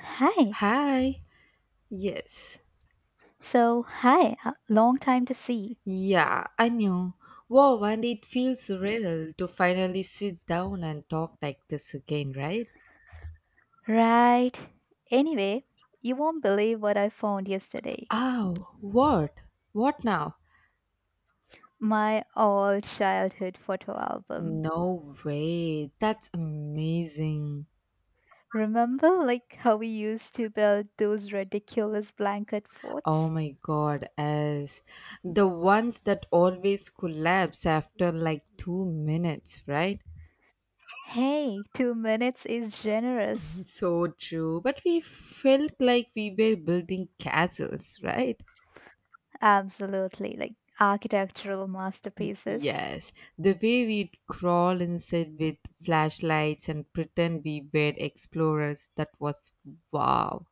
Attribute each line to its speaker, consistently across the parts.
Speaker 1: Hi.
Speaker 2: Hi. Yes.
Speaker 1: So, hi. Long time to see.
Speaker 2: Yeah, I knew. Wow, and it feels surreal to finally sit down and talk like this again, right?
Speaker 1: Right. Anyway, you won't believe what I found yesterday.
Speaker 2: Oh, what? What now?
Speaker 1: My old childhood photo album.
Speaker 2: No way. That's amazing.
Speaker 1: Remember like how we used to build those ridiculous blanket forts?
Speaker 2: Oh my god, as the ones that always collapse after like 2 minutes, right?
Speaker 1: Hey, 2 minutes is generous.
Speaker 2: So true. But we felt like we were building castles, right?
Speaker 1: Absolutely like architectural masterpieces.
Speaker 2: Yes, the way we'd crawl inside with flashlights and pretend we were explorers, that was wow.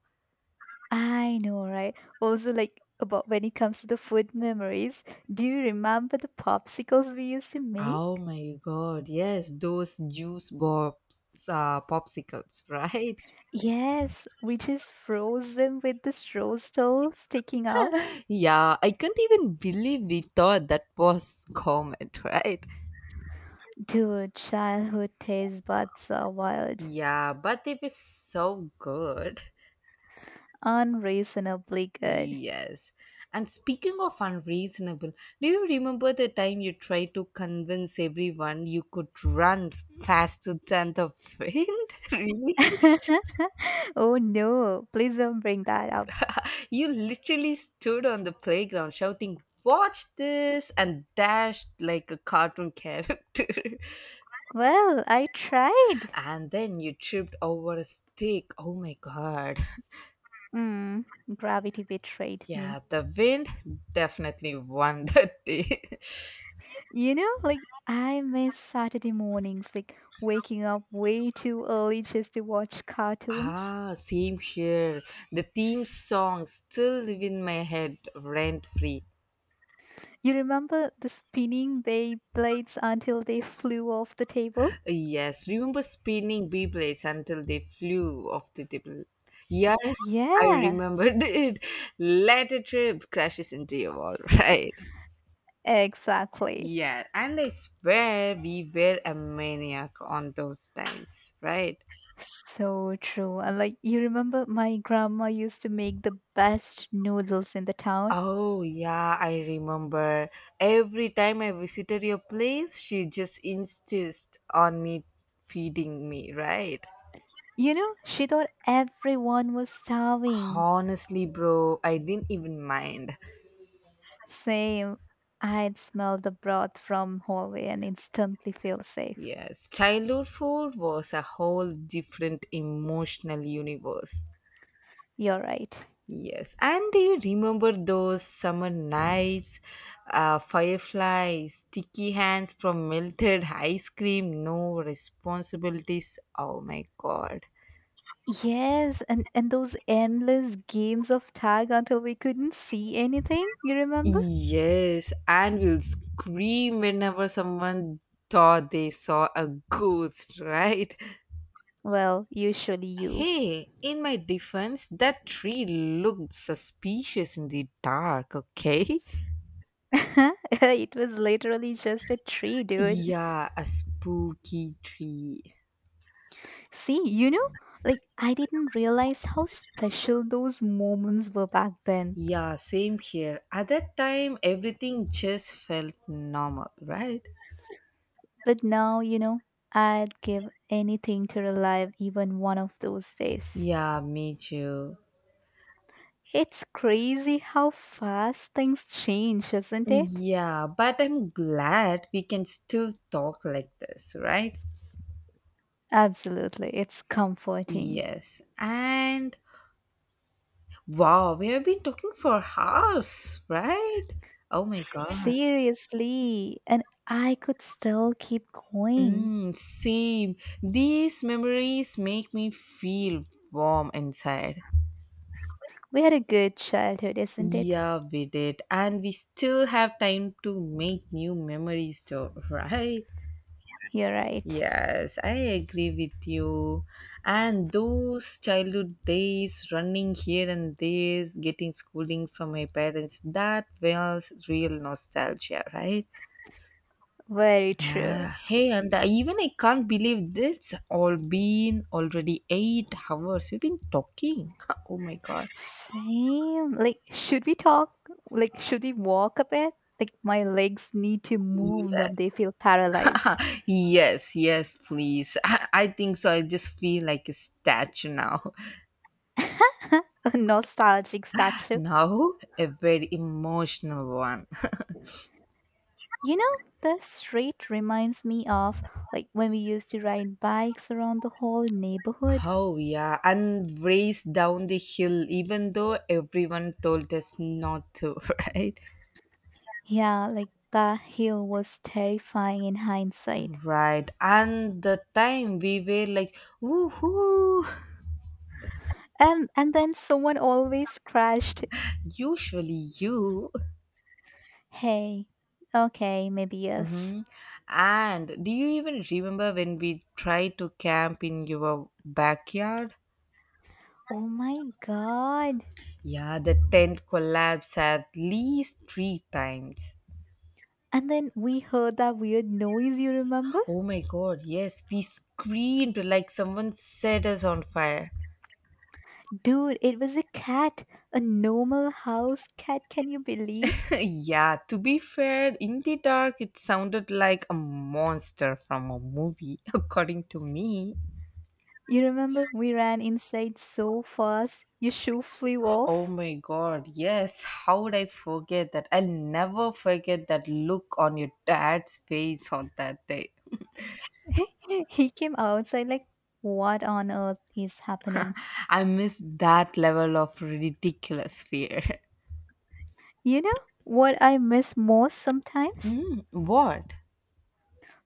Speaker 1: I know, right? Also, like about when it comes to the food memories, do you remember the popsicles we used to
Speaker 2: Oh
Speaker 1: make?
Speaker 2: my god, yes, those juice bobs, popsicles, right?
Speaker 1: Yes, we just froze them with the straw still sticking out.
Speaker 2: Yeah, I can't even believe we thought that was common, right?
Speaker 1: Dude, childhood taste buds are wild,
Speaker 2: Yeah, but it was so good.
Speaker 1: unreasonably good.
Speaker 2: Yes. And speaking of unreasonable, do you remember the time you tried to convince everyone you could run faster than the wind? Really?
Speaker 1: Oh no, please don't bring that up.
Speaker 2: You literally stood on the playground shouting, "Watch this!" and dashed like a cartoon character.
Speaker 1: Well, I tried.
Speaker 2: And then you tripped over a stick. Oh my god.
Speaker 1: Mm, Gravity betrayed me.
Speaker 2: Yeah, the wind definitely won that day.
Speaker 1: You know, like I miss Saturday mornings, like waking up way too early just to watch cartoons.
Speaker 2: Ah, same here. The theme songs still live in my head rent free.
Speaker 1: You remember the spinning bay blades until they flew off the table?
Speaker 2: Yes, remember spinning Beyblades until they flew off the table. Yes, I
Speaker 1: Yeah,
Speaker 2: remembered it. Let a trip crashes into your wall, right?
Speaker 1: exactly.
Speaker 2: Yeah, and I swear we were a maniac on those times, right?
Speaker 1: So true. And like you remember my grandma used to make the best noodles in the town.
Speaker 2: Oh, yeah, I remember. Every time I visited your place, she just insists on me feeding me, right?
Speaker 1: You know, she thought everyone was starving.
Speaker 2: Honestly, bro, I didn't even mind.
Speaker 1: Same. I'd smell the broth from hallway and instantly feel safe.
Speaker 2: Yes, childhood food was a whole different emotional universe.
Speaker 1: You're right.
Speaker 2: Yes, and do you remember those summer nights, fireflies, sticky hands from melted ice cream, no responsibilities? Oh my god.
Speaker 1: Yes, and those endless games of tag until we couldn't see anything, you remember?
Speaker 2: Yes, and we'll scream whenever someone thought they saw a ghost, right?
Speaker 1: Well, usually you.
Speaker 2: Hey, in my defense, that tree looked suspicious in the dark, okay?
Speaker 1: It was literally just a tree, dude.
Speaker 2: Yeah, a spooky tree.
Speaker 1: See, you know, like I didn't realize how special those moments were back then.
Speaker 2: Yeah, same here. At that time, everything just felt normal, right?
Speaker 1: But now, you know, I'd give anything to relive even one of those days.
Speaker 2: Yeah, me too.
Speaker 1: It's crazy how fast things change, isn't it?
Speaker 2: Yeah, but I'm glad we can still talk like this, right?
Speaker 1: Absolutely, it's comforting.
Speaker 2: Yes. And wow, we have been talking for hours, right? Oh my god.
Speaker 1: Seriously, and I could still keep going.
Speaker 2: Mm, same. These memories make me feel warm inside.
Speaker 1: We had a good childhood, isn't it?
Speaker 2: Yeah, we did. And we still have time to make new memories, too, right?
Speaker 1: You're right.
Speaker 2: Yes, I agree with you. And those childhood days, running here and there, getting schooling from my parents, that was real nostalgia, right?
Speaker 1: Very true.
Speaker 2: Yeah. Hey, and I, even I can't believe this all been already 8 hours. We've been talking. Oh my God.
Speaker 1: Same. Like, should we talk? Like, should we walk a bit? Like, my legs need to move now. They feel paralyzed.
Speaker 2: Yes, yes, please. I think so. I just feel like a statue now.
Speaker 1: A nostalgic statue.
Speaker 2: Now, a very emotional one.
Speaker 1: You know, the street reminds me of like when we used to ride bikes around the whole neighborhood.
Speaker 2: Oh, yeah, and race down the hill, even though everyone told us not to, right?
Speaker 1: Yeah, like that hill was terrifying in hindsight.
Speaker 2: Right, and the time we were like, woohoo,
Speaker 1: And then someone always crashed.
Speaker 2: usually you.
Speaker 1: Hey. Okay, maybe yes.
Speaker 2: Hmm. And do you even remember when we tried to camp in your backyard?
Speaker 1: Oh my god.
Speaker 2: Yeah, the tent collapsed at least three times.
Speaker 1: And then we heard that weird noise, you remember?
Speaker 2: Oh my god, yes, we screamed like someone set us on fire.
Speaker 1: Dude, it was a cat. A normal house cat, can you believe?
Speaker 2: Yeah, to be fair, in the dark it sounded like a monster from a movie, according to me.
Speaker 1: You remember we ran inside so fast, your shoe flew
Speaker 2: Oh
Speaker 1: off.
Speaker 2: my god, yes, how would I forget that? I'll never forget that look on your dad's face on that day.
Speaker 1: He came outside like, what on earth is happening?
Speaker 2: I miss that level of ridiculous fear.
Speaker 1: You know what I miss most sometimes?
Speaker 2: Hmm, what?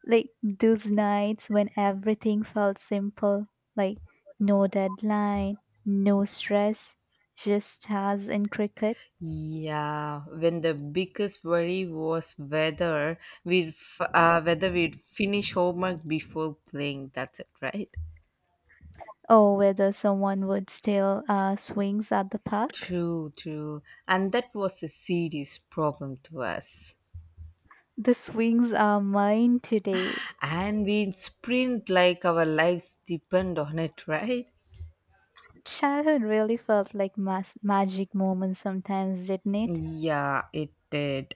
Speaker 1: Like those nights when everything felt simple, like no deadline, no stress, just stars and cricket,
Speaker 2: Yeah, when the biggest worry was whether whether we'd finish homework before playing. That's it, right?
Speaker 1: or whether someone would steal swings at the park.
Speaker 2: True, true. And that was a serious problem to us.
Speaker 1: The swings are mine today.
Speaker 2: And we sprint like our lives depend on it, right?
Speaker 1: Childhood really felt like magic moments sometimes, didn't it?
Speaker 2: Yeah, it did.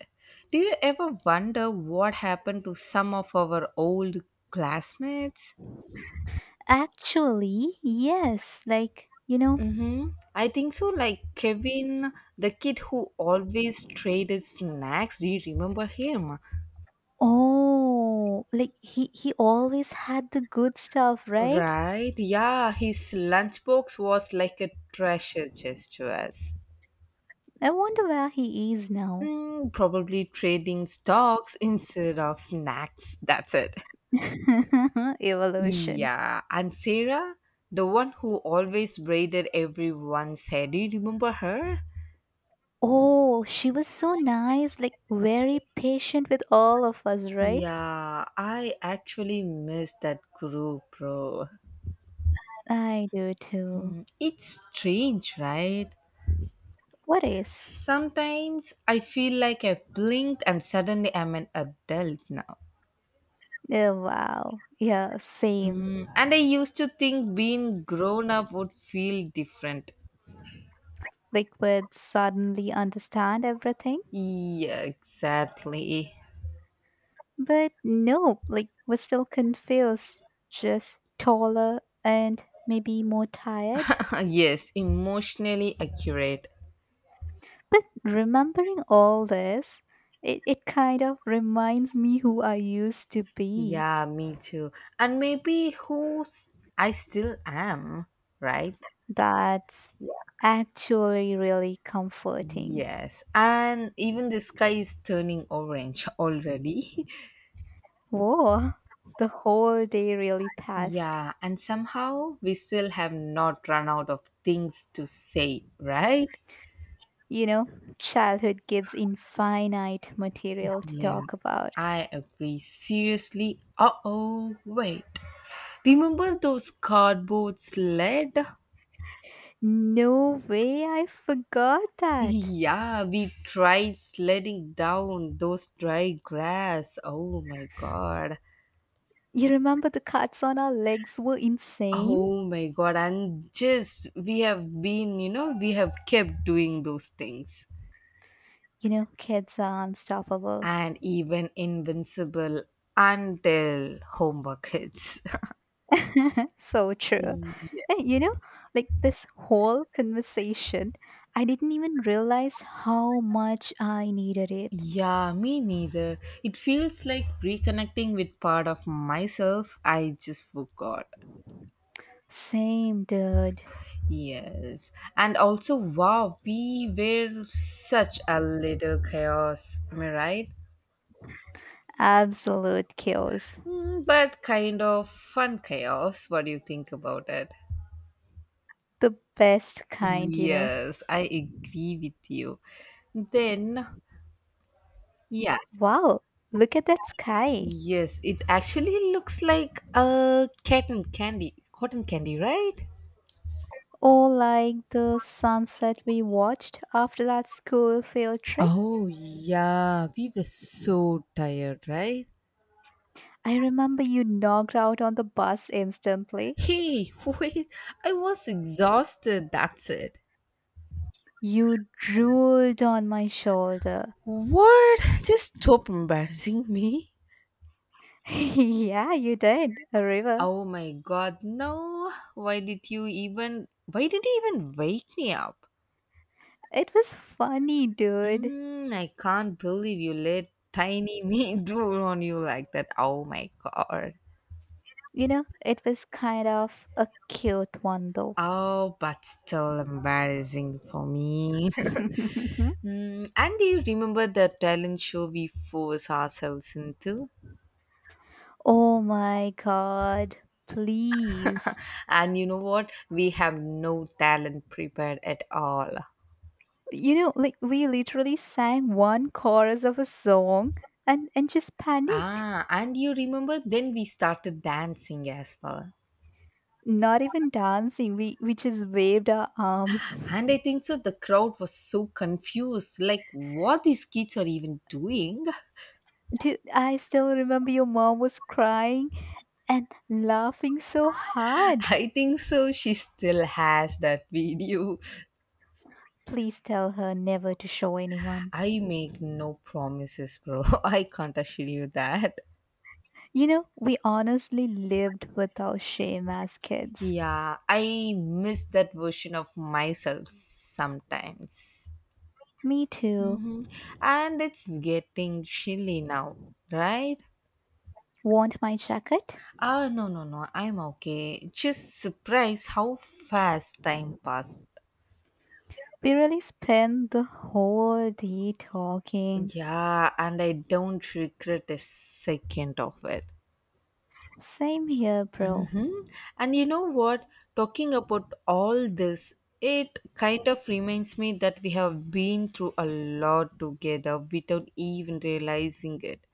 Speaker 2: Do you ever wonder what happened to some of our old classmates?
Speaker 1: Actually, yes. Like, you know,
Speaker 2: Mm-hmm. I think so, like Kevin, the kid who always traded snacks. Do you remember him?
Speaker 1: oh, like he always had the good stuff, right?
Speaker 2: Right? Yeah, his lunchbox was like a treasure chest to us.
Speaker 1: I wonder where he is now.
Speaker 2: Mm, probably trading stocks instead of snacks. That's it.
Speaker 1: Evolution.
Speaker 2: Yeah. And Sarah, the one who always braided everyone's hair. Do you remember her?
Speaker 1: Oh, she was so nice, like very patient with all of us, right?
Speaker 2: Yeah, I actually miss that group, bro.
Speaker 1: I do too.
Speaker 2: It's strange, right?
Speaker 1: What is?
Speaker 2: Sometimes I feel like I blinked and suddenly I'm an adult now.
Speaker 1: Oh, wow. Yeah, same.
Speaker 2: Mm, and I used to think being grown up would feel different.
Speaker 1: Like, would suddenly understand everything?
Speaker 2: Yeah, exactly.
Speaker 1: But nope, like, we're still confused, just taller and maybe more tired.
Speaker 2: Yes, emotionally accurate.
Speaker 1: But remembering all this, it kind of reminds me who I used to be.
Speaker 2: Yeah, me too. And maybe who s- I still am, right?
Speaker 1: That's
Speaker 2: Yeah.
Speaker 1: actually really comforting.
Speaker 2: Yes. And even the sky is turning orange already.
Speaker 1: Whoa, the whole day really passed.
Speaker 2: Yeah. And somehow we still have not run out of things to say, right?
Speaker 1: You know, childhood gives infinite material to
Speaker 2: Yeah,
Speaker 1: talk about.
Speaker 2: I agree. Seriously. Uh oh, wait. Remember those cardboard sled?
Speaker 1: No way, I forgot that.
Speaker 2: Yeah, we tried sledding down those dry grass. Oh my god.
Speaker 1: You remember the cuts on our legs were insane?
Speaker 2: Oh my god. And just we have been, you know, we have kept doing those things.
Speaker 1: You know, kids are unstoppable.
Speaker 2: And even invincible until homework hits.
Speaker 1: So true.
Speaker 2: Yeah,
Speaker 1: And you know, like this whole conversation, I didn't even realize how much I needed it.
Speaker 2: yeah, me neither. It feels like reconnecting with part of myself I just forgot.
Speaker 1: Same, dude.
Speaker 2: Yes, and also, wow, we were such a little chaos, am I right?
Speaker 1: Absolute chaos.
Speaker 2: Mm, but kind of fun chaos. What do you think about it?
Speaker 1: The best kind, you know.
Speaker 2: Yes, I agree with you. Then, yes,
Speaker 1: Wow, look at that sky.
Speaker 2: yes, it actually looks like a cotton candy, right?
Speaker 1: Or like the sunset we watched after that school field trip.
Speaker 2: Oh, yeah, we were so tired, right?
Speaker 1: I remember you knocked out on the bus instantly.
Speaker 2: Hey, wait, I was exhausted, that's it.
Speaker 1: You drooled on my shoulder.
Speaker 2: What? Just stop embarrassing me.
Speaker 1: Yeah, you did, a river.
Speaker 2: Oh my god, no. Why did you even wake me up?
Speaker 1: It was funny, dude.
Speaker 2: Mm, I can't believe you let tiny me drool on you like that. Oh my god.
Speaker 1: You know, it was kind of a cute one though.
Speaker 2: Oh, but still embarrassing for me. Mm, and do you remember the talent show we force ourselves into?
Speaker 1: Oh my god, please.
Speaker 2: And you know what? We have no talent prepared at all.
Speaker 1: You know, like we literally sang one chorus of a song and just panicked.
Speaker 2: Ah, and you remember then we started dancing as well.
Speaker 1: Not even dancing. We just waved our arms.
Speaker 2: And I think so the crowd was so confused like what these kids are even doing.
Speaker 1: Dude, I still remember your mom was crying and laughing so hard.
Speaker 2: I think so she still has that video.
Speaker 1: Please tell her never to show anyone.
Speaker 2: I make no promises, bro. I can't assure you that.
Speaker 1: You know, we honestly lived with our shame as kids.
Speaker 2: Yeah, I miss that version of myself sometimes.
Speaker 1: Me too.
Speaker 2: Hmm. And it's getting chilly now, right?
Speaker 1: Want my jacket?
Speaker 2: Ah, no, no, no. I'm okay. Just surprised how fast time passed.
Speaker 1: We really spent the whole day talking.
Speaker 2: Yeah, and I don't regret a second of it.
Speaker 1: Same here, bro.
Speaker 2: Mhm. And you know what? Talking about all this, it kind of reminds me that we have been through a lot together without even realizing it.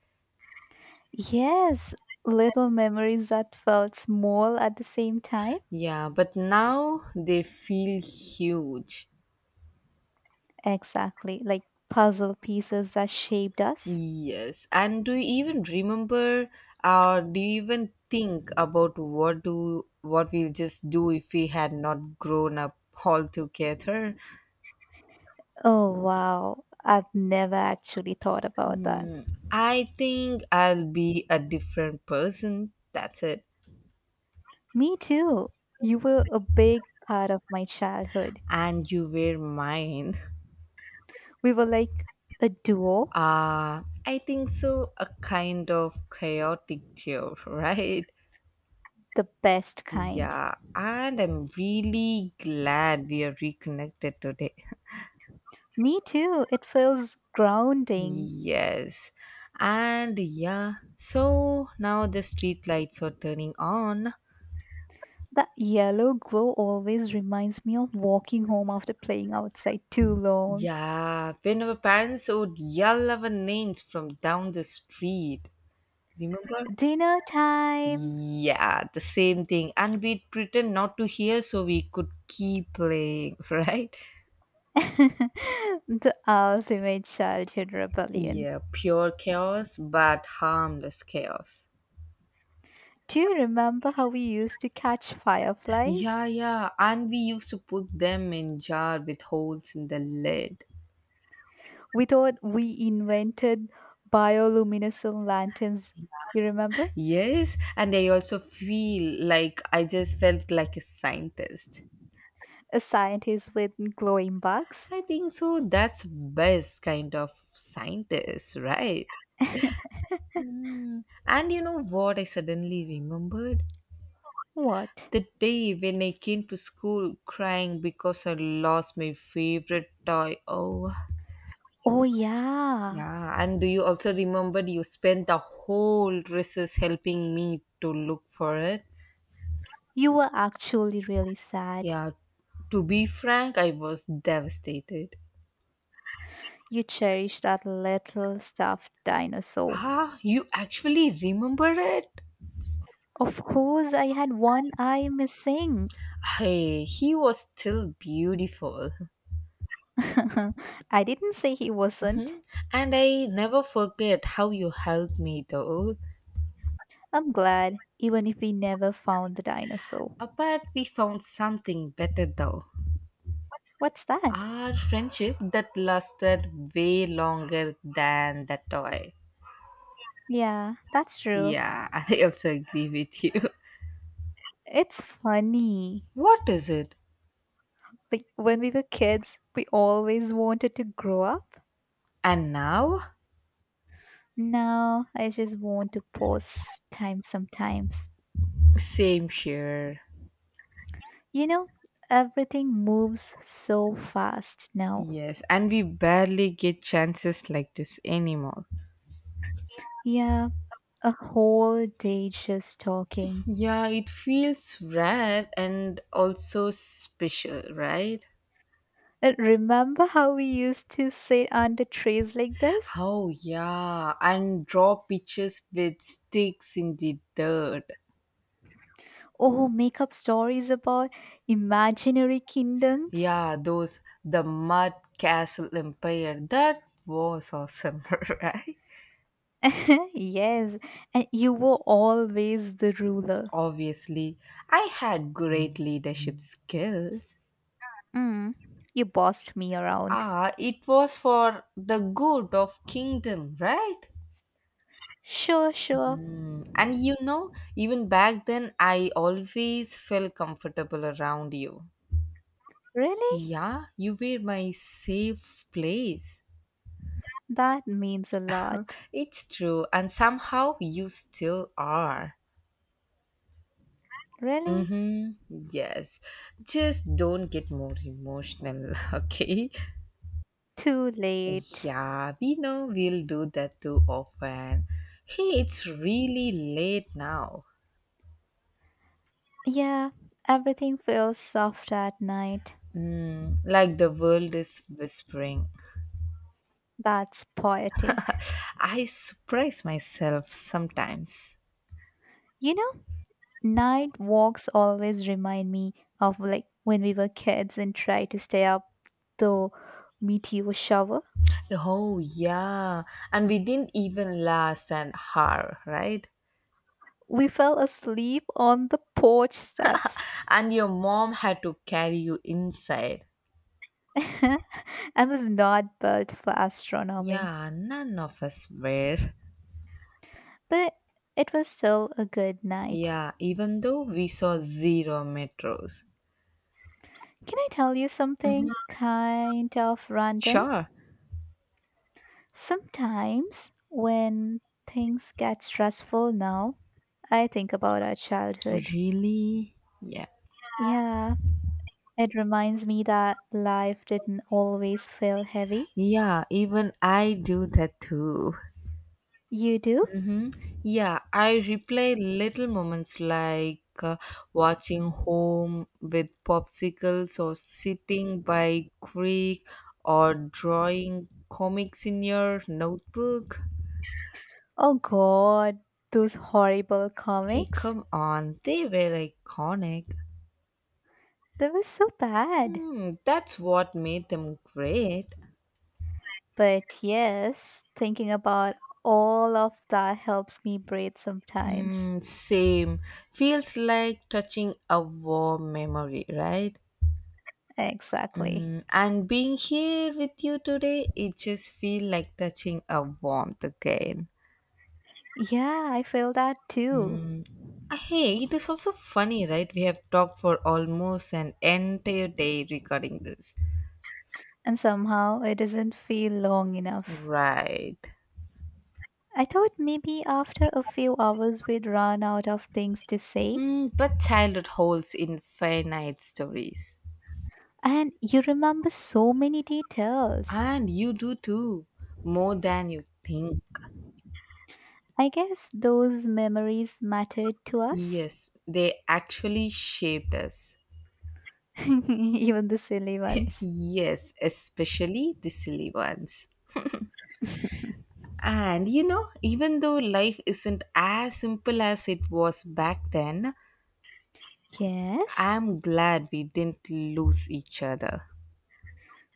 Speaker 1: Yes, little memories that felt small at the same time.
Speaker 2: Yeah, but now they feel huge.
Speaker 1: Exactly, like puzzle pieces that shaped us.
Speaker 2: Yes. And do you even remember or do you even think about what we just do if we had not grown up all together?
Speaker 1: Oh, wow. I've never actually thought about that.
Speaker 2: Hmm, I think I'll be a different person. That's it.
Speaker 1: Me too. You were a big part of my childhood.
Speaker 2: And you were mine.
Speaker 1: We were like a duo,
Speaker 2: I think so a kind of chaotic tale, right?
Speaker 1: the best kind.
Speaker 2: Yeah, and I'm really glad we are reconnected today.
Speaker 1: Me too. It feels grounding.
Speaker 2: Yes. And yeah, so now the street lights are turning on.
Speaker 1: The yellow glow always reminds me of walking home after playing outside too long.
Speaker 2: Yeah, when our parents would yell our names from down the street. Remember?
Speaker 1: Dinner time!
Speaker 2: Yeah, the same thing. And we'd pretend not to hear so we could keep playing, right?
Speaker 1: The ultimate childhood rebellion.
Speaker 2: Yeah, pure chaos, but harmless chaos.
Speaker 1: Do you remember how we used to catch fireflies?
Speaker 2: Yeah, yeah. And we used to put them in jar with holes in the lid.
Speaker 1: We thought we invented bioluminescent lanterns. You remember?
Speaker 2: Yes, and I also feel like I just felt like a scientist.
Speaker 1: A scientist with glowing bugs?
Speaker 2: I think so. That's best kind of scientist, right? Hmm. And you know what? I suddenly remembered
Speaker 1: What?
Speaker 2: the day when I came to school crying because I lost my favorite toy. Oh,
Speaker 1: Oh, yeah.
Speaker 2: yeah. And do you also remember you spent the whole recess helping me to look for it?
Speaker 1: You were actually really sad.
Speaker 2: Yeah. To be frank, I was devastated.
Speaker 1: You cherish that little stuffed dinosaur.
Speaker 2: Ah, you actually remember it?
Speaker 1: Of course, I had one eye missing.
Speaker 2: Hey, he was still beautiful.
Speaker 1: I didn't say he wasn't.
Speaker 2: Mhm. And I never forget how you helped me though.
Speaker 1: I'm glad, even if we never found the dinosaur.
Speaker 2: Apart, we found something better though.
Speaker 1: What's that?
Speaker 2: Our friendship that lasted way longer than that toy.
Speaker 1: Yeah, that's true.
Speaker 2: Yeah, I also agree with you.
Speaker 1: It's funny.
Speaker 2: What is it?
Speaker 1: Like when we were kids, we always wanted to grow up.
Speaker 2: And now?
Speaker 1: Now I just want to pause time sometimes.
Speaker 2: Same here.
Speaker 1: You know, everything moves so fast now.
Speaker 2: Yes, and we barely get chances like this anymore.
Speaker 1: Yeah, a whole day just talking.
Speaker 2: Yeah, it feels rare and also special, right?
Speaker 1: Remember how we used to sit under trees like this?
Speaker 2: Oh, yeah, and draw pictures with sticks in the dirt.
Speaker 1: Oh, make up stories about imaginary kingdoms?
Speaker 2: Yeah, those, the mud castle empire. That was awesome, right?
Speaker 1: Yes, and you were always the ruler.
Speaker 2: Obviously, I had great leadership skills.
Speaker 1: Mm, you bossed me around.
Speaker 2: Ah, it was for the good of kingdom, right?
Speaker 1: Sure, sure.
Speaker 2: Mm, and you know, even back then, I always felt comfortable around you.
Speaker 1: Really?
Speaker 2: Yeah, you were my safe place.
Speaker 1: That means a lot.
Speaker 2: It's true, and somehow you still are.
Speaker 1: Really?
Speaker 2: Mm-hmm. Yes. Just don't get more emotional, okay?
Speaker 1: Too late.
Speaker 2: Yeah, we know we'll do that too often. Hey, it's really late now.
Speaker 1: Yeah, everything feels soft at night.
Speaker 2: Mm, like the world is whispering,
Speaker 1: That's poetic.
Speaker 2: I surprise myself sometimes.
Speaker 1: You know, night walks always remind me of like when we were kids and tried to stay up the meteor shower.
Speaker 2: Oh, yeah. And we didn't even last an hour, right?
Speaker 1: We fell asleep on the porch steps.
Speaker 2: And your mom had to carry you inside.
Speaker 1: I was not built for astronomy,
Speaker 2: Yeah, none of us were.
Speaker 1: but it was still a good night.
Speaker 2: Yeah, even though we saw zero metros.
Speaker 1: Can I tell you something
Speaker 2: Mhm.
Speaker 1: kind of random?
Speaker 2: Sure.
Speaker 1: Sometimes when things get stressful now, I think about our childhood.
Speaker 2: Really? Yeah.
Speaker 1: Yeah, it reminds me that life didn't always feel heavy.
Speaker 2: Yeah, even I do that too.
Speaker 1: You do?
Speaker 2: Mm-hmm. Yeah, I replay little moments like watching home with popsicles or sitting by creek or drawing comics in your notebook.
Speaker 1: Oh god, those horrible
Speaker 2: Hey,
Speaker 1: comics.
Speaker 2: come on, they were iconic.
Speaker 1: They were so bad.
Speaker 2: Hmm, that's what made them great.
Speaker 1: But yes, thinking about all of that helps me breathe sometimes.
Speaker 2: Hmm, same. Feels like touching a warm memory, right?
Speaker 1: Exactly.
Speaker 2: Mm, and being here with you today, it just feel like touching a warmth again.
Speaker 1: Yeah, I feel that too.
Speaker 2: Hey, it is also funny, right? We have talked for almost an entire day regarding this.
Speaker 1: And somehow it doesn't feel long enough.
Speaker 2: Right.
Speaker 1: I thought maybe after a few hours we'd run out of things to say.
Speaker 2: Mm, but childhood holds infinite stories.
Speaker 1: And you remember so many details.
Speaker 2: And you do too, more than you think.
Speaker 1: I guess those memories mattered to us,
Speaker 2: Yes, they actually shaped us.
Speaker 1: even the silly ones.
Speaker 2: Yes, especially the silly ones. And you know, even though life isn't as simple as it was back then,
Speaker 1: Yes,
Speaker 2: I'm glad we didn't lose each other.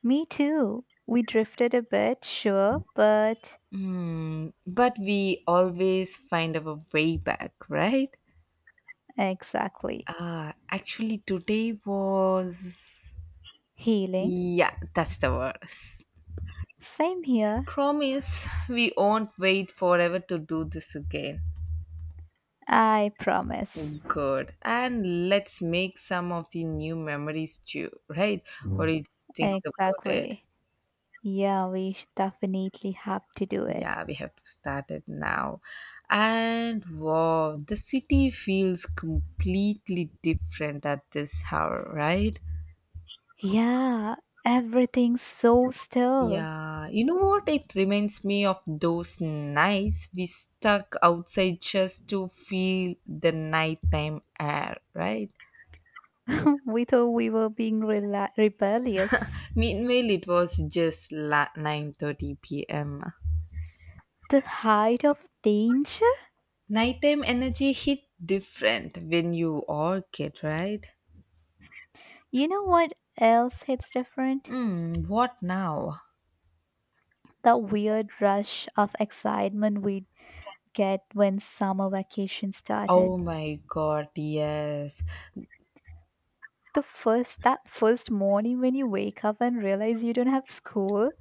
Speaker 1: me too. We drifted a bit, sure, but
Speaker 2: Hmm, but we always find our way back, right?
Speaker 1: exactly.
Speaker 2: Actually, today was.
Speaker 1: Healing.
Speaker 2: Yeah, that's the worst.
Speaker 1: Same here,
Speaker 2: Promise we won't wait forever to do this again.
Speaker 1: I promise.
Speaker 2: Good. And let's make some of the new memories too, right? What do you think about it?
Speaker 1: Exactly. Yeah, we definitely have to do it.
Speaker 2: Yeah, we have to start it now. And wow, the city feels completely different at this hour, right?
Speaker 1: Yeah, everything's so still.
Speaker 2: Yeah, you know what? It reminds me of those nights we stuck outside just to feel the nighttime air, right?
Speaker 1: We thought we were being rebellious.
Speaker 2: Meanwhile, it was just 9:30 p.m.
Speaker 1: The height of danger.
Speaker 2: Nighttime energy hit different when you are kid, right?
Speaker 1: You know what else hits different?
Speaker 2: Hmm, what now?
Speaker 1: The weird rush of excitement we'd get when summer vacation started.
Speaker 2: Oh my god, yes.
Speaker 1: The first that first morning when you wake up and realize you don't have school,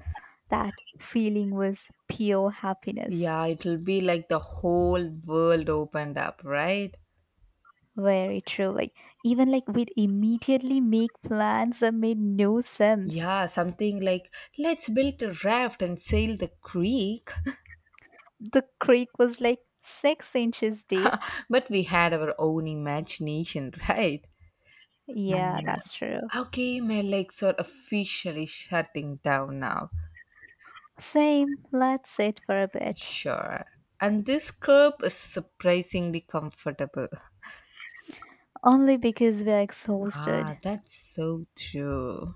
Speaker 1: that feeling was pure happiness.
Speaker 2: Yeah, it'll be like the whole world opened up, right?
Speaker 1: Very true. Like even like we'd immediately make plans that made no sense.
Speaker 2: Yeah, something like let's build a raft and sail the creek,
Speaker 1: The creek was like 6 inches deep.
Speaker 2: but we had our own imagination, right? That's
Speaker 1: Yeah,
Speaker 2: Mm.
Speaker 1: that's true.
Speaker 2: true. Okay, my legs are officially shutting down now.
Speaker 1: Same, let's sit for a bit.
Speaker 2: Sure. And this curb is surprisingly comfortable.
Speaker 1: Only because we're exhausted.
Speaker 2: Ah, that's so true.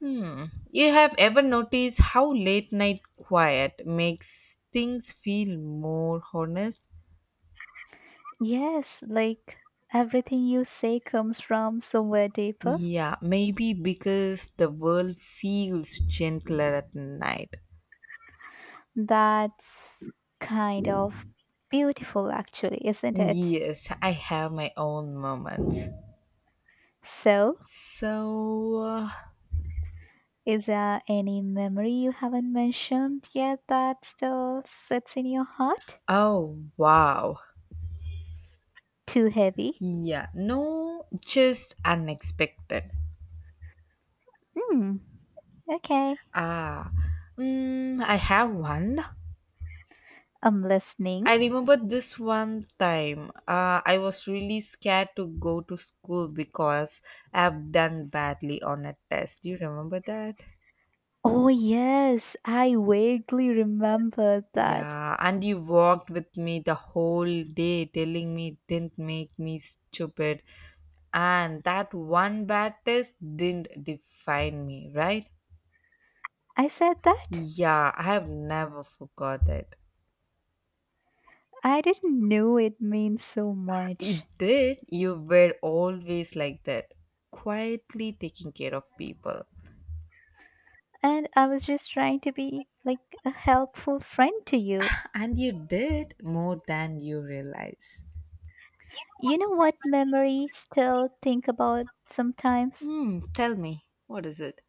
Speaker 2: Hmm. You have ever noticed how late night quiet makes things feel more honest?
Speaker 1: Yes, like everything you say comes from somewhere deeper.
Speaker 2: Yeah, maybe because the world feels gentler at night.
Speaker 1: That's kind of beautiful, actually, isn't it?
Speaker 2: Yes, I have my own moments.
Speaker 1: So,
Speaker 2: So, uh,
Speaker 1: is there any memory you haven't mentioned yet that still sits in your heart?
Speaker 2: oh wow.
Speaker 1: Too heavy?
Speaker 2: Yeah, no, just unexpected.
Speaker 1: Hmm, okay.
Speaker 2: Ah, I have one.
Speaker 1: I'm
Speaker 2: I
Speaker 1: listening.
Speaker 2: remember this one time. I was really scared to go to school because I've done badly on a test. Do you remember that?
Speaker 1: Oh, yes, I vaguely remember that.
Speaker 2: Yeah, and you walked with me the whole day telling me it didn't make me stupid. And that one bad test didn't define me, right?
Speaker 1: I said that?
Speaker 2: Yeah, I have never forgot that.
Speaker 1: I didn't know it means so much.
Speaker 2: It did. You were always like that, quietly taking care of people.
Speaker 1: And I was just trying to be like a helpful friend to you.
Speaker 2: And you did more than you realize.
Speaker 1: You know what memory still think about sometimes?
Speaker 2: Hmm, tell me, what is it?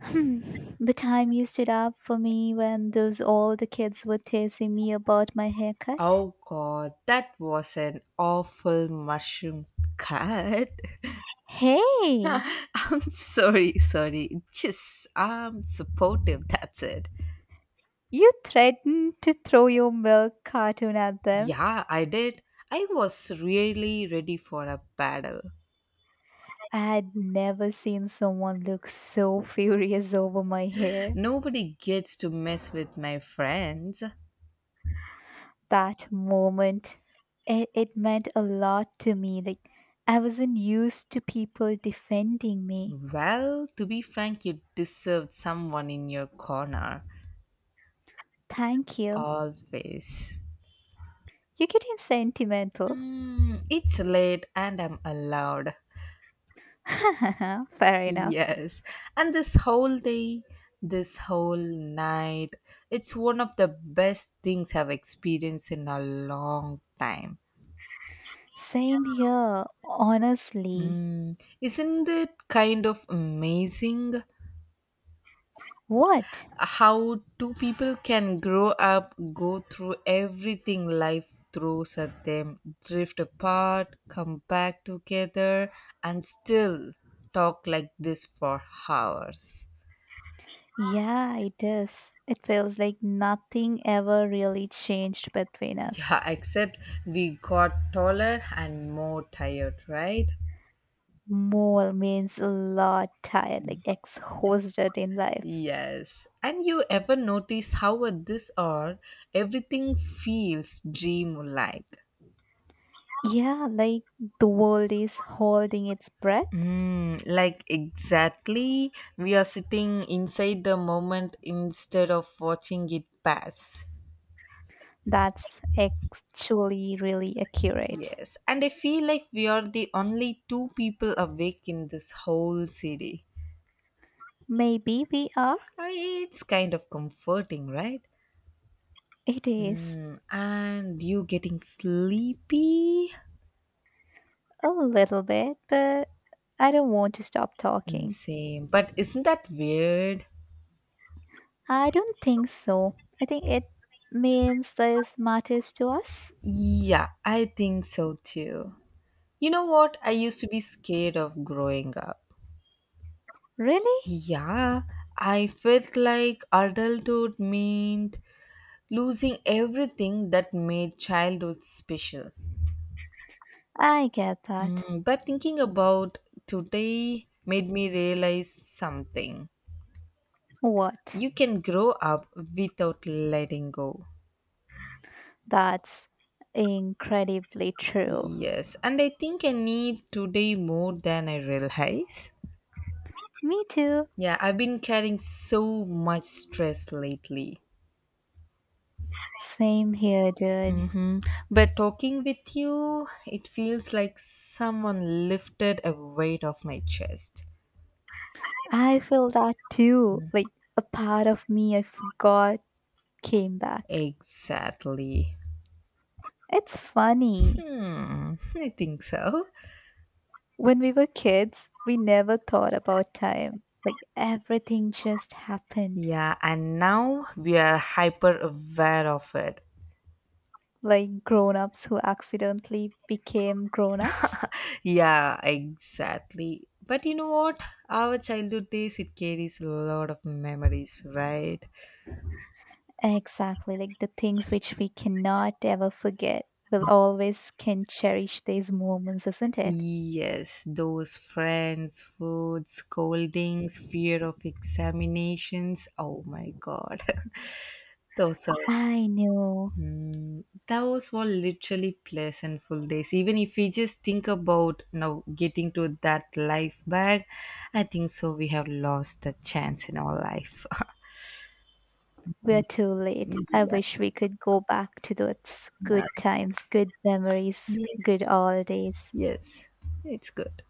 Speaker 1: Hmm. The time you stood up for me when those old kids were teasing me about my haircut.
Speaker 2: Oh god, that was an awful mushroom cut.
Speaker 1: Hey,
Speaker 2: I'm sorry, sorry. Just, I'm supportive, that's it.
Speaker 1: you threatened to throw your milk cartoon at them.
Speaker 2: Yeah, I did. I was really ready for a battle.
Speaker 1: I had never seen someone look so furious over my hair.
Speaker 2: Nobody gets to mess with my friends.
Speaker 1: That moment, it meant a lot to me, like I wasn't used to people defending me.
Speaker 2: Well, to be frank, you deserved someone in your corner.
Speaker 1: Thank you.
Speaker 2: Always.
Speaker 1: You're getting sentimental.
Speaker 2: Mm, it's late and I'm allowed.
Speaker 1: Fair enough.
Speaker 2: Yes. And this whole day, this whole night, it's one of the best things I've experienced in a long time.
Speaker 1: Same here, honestly.
Speaker 2: Mm, isn't it kind of amazing
Speaker 1: What?
Speaker 2: how two people can grow up, go through everything life throws at them, drift apart, come back together, and still talk like this for hours?
Speaker 1: Yeah, it is, it feels like nothing ever really changed between us.
Speaker 2: Yeah, except we got taller and more tired, right?
Speaker 1: More means a lot tired, like exhausted in life.
Speaker 2: Yes. And you ever notice how at this hour everything feels dream like?
Speaker 1: Yeah, like the world is holding its breath.
Speaker 2: Mm, like exactly, we are sitting inside the moment instead of watching it pass.
Speaker 1: That's actually really accurate.
Speaker 2: Yes, and I feel like we are the only two people awake in this whole city.
Speaker 1: Maybe we are?
Speaker 2: It's kind of comforting, right?
Speaker 1: It is.
Speaker 2: Mm, and you getting sleepy?
Speaker 1: A little bit, but I don't want to stop
Speaker 2: Mm,
Speaker 1: talking.
Speaker 2: same. But isn't that weird?
Speaker 1: I don't think so. I think it means this matters to us.
Speaker 2: Yeah, I think so too. You know what? I used to be scared of growing up.
Speaker 1: Really?
Speaker 2: Yeah, I felt like adulthood meant losing everything that made childhood special.
Speaker 1: I get that.
Speaker 2: Mm, but thinking about today made me realize something.
Speaker 1: What?
Speaker 2: You can grow up without letting go.
Speaker 1: That's incredibly true.
Speaker 2: Yes, and I think I need today more than I realize.
Speaker 1: Me too.
Speaker 2: Yeah, I've been carrying so much stress lately.
Speaker 1: Same here, dude.
Speaker 2: Mm-hmm. But talking with you, it feels like someone lifted a weight off my chest.
Speaker 1: I feel that too. Like a part of me I forgot came back.
Speaker 2: Exactly.
Speaker 1: It's funny.
Speaker 2: Hmm, I think so.
Speaker 1: When we were kids, we never thought about time. Like everything just happened.
Speaker 2: Yeah, and now we are hyper aware of it.
Speaker 1: Like grown ups who accidentally became grown ups.
Speaker 2: Yeah, exactly. But you know what? Our childhood days, it carries a lot of memories, right?
Speaker 1: Exactly. Like the things which we cannot ever forget. We'll always can cherish these moments, isn't it?
Speaker 2: Yes, those friends, food, scoldings, fear of examinations. Oh my god. those are
Speaker 1: I know.
Speaker 2: mm, those were literally pleasantful days. Even if we just think about now getting to that life back, I think so we have lost the chance in our life.
Speaker 1: We're too late. I
Speaker 2: yeah.
Speaker 1: wish we could go back to those good
Speaker 2: yeah.
Speaker 1: times, good memories, good
Speaker 2: Yes.
Speaker 1: old days.
Speaker 2: Yes, it's good.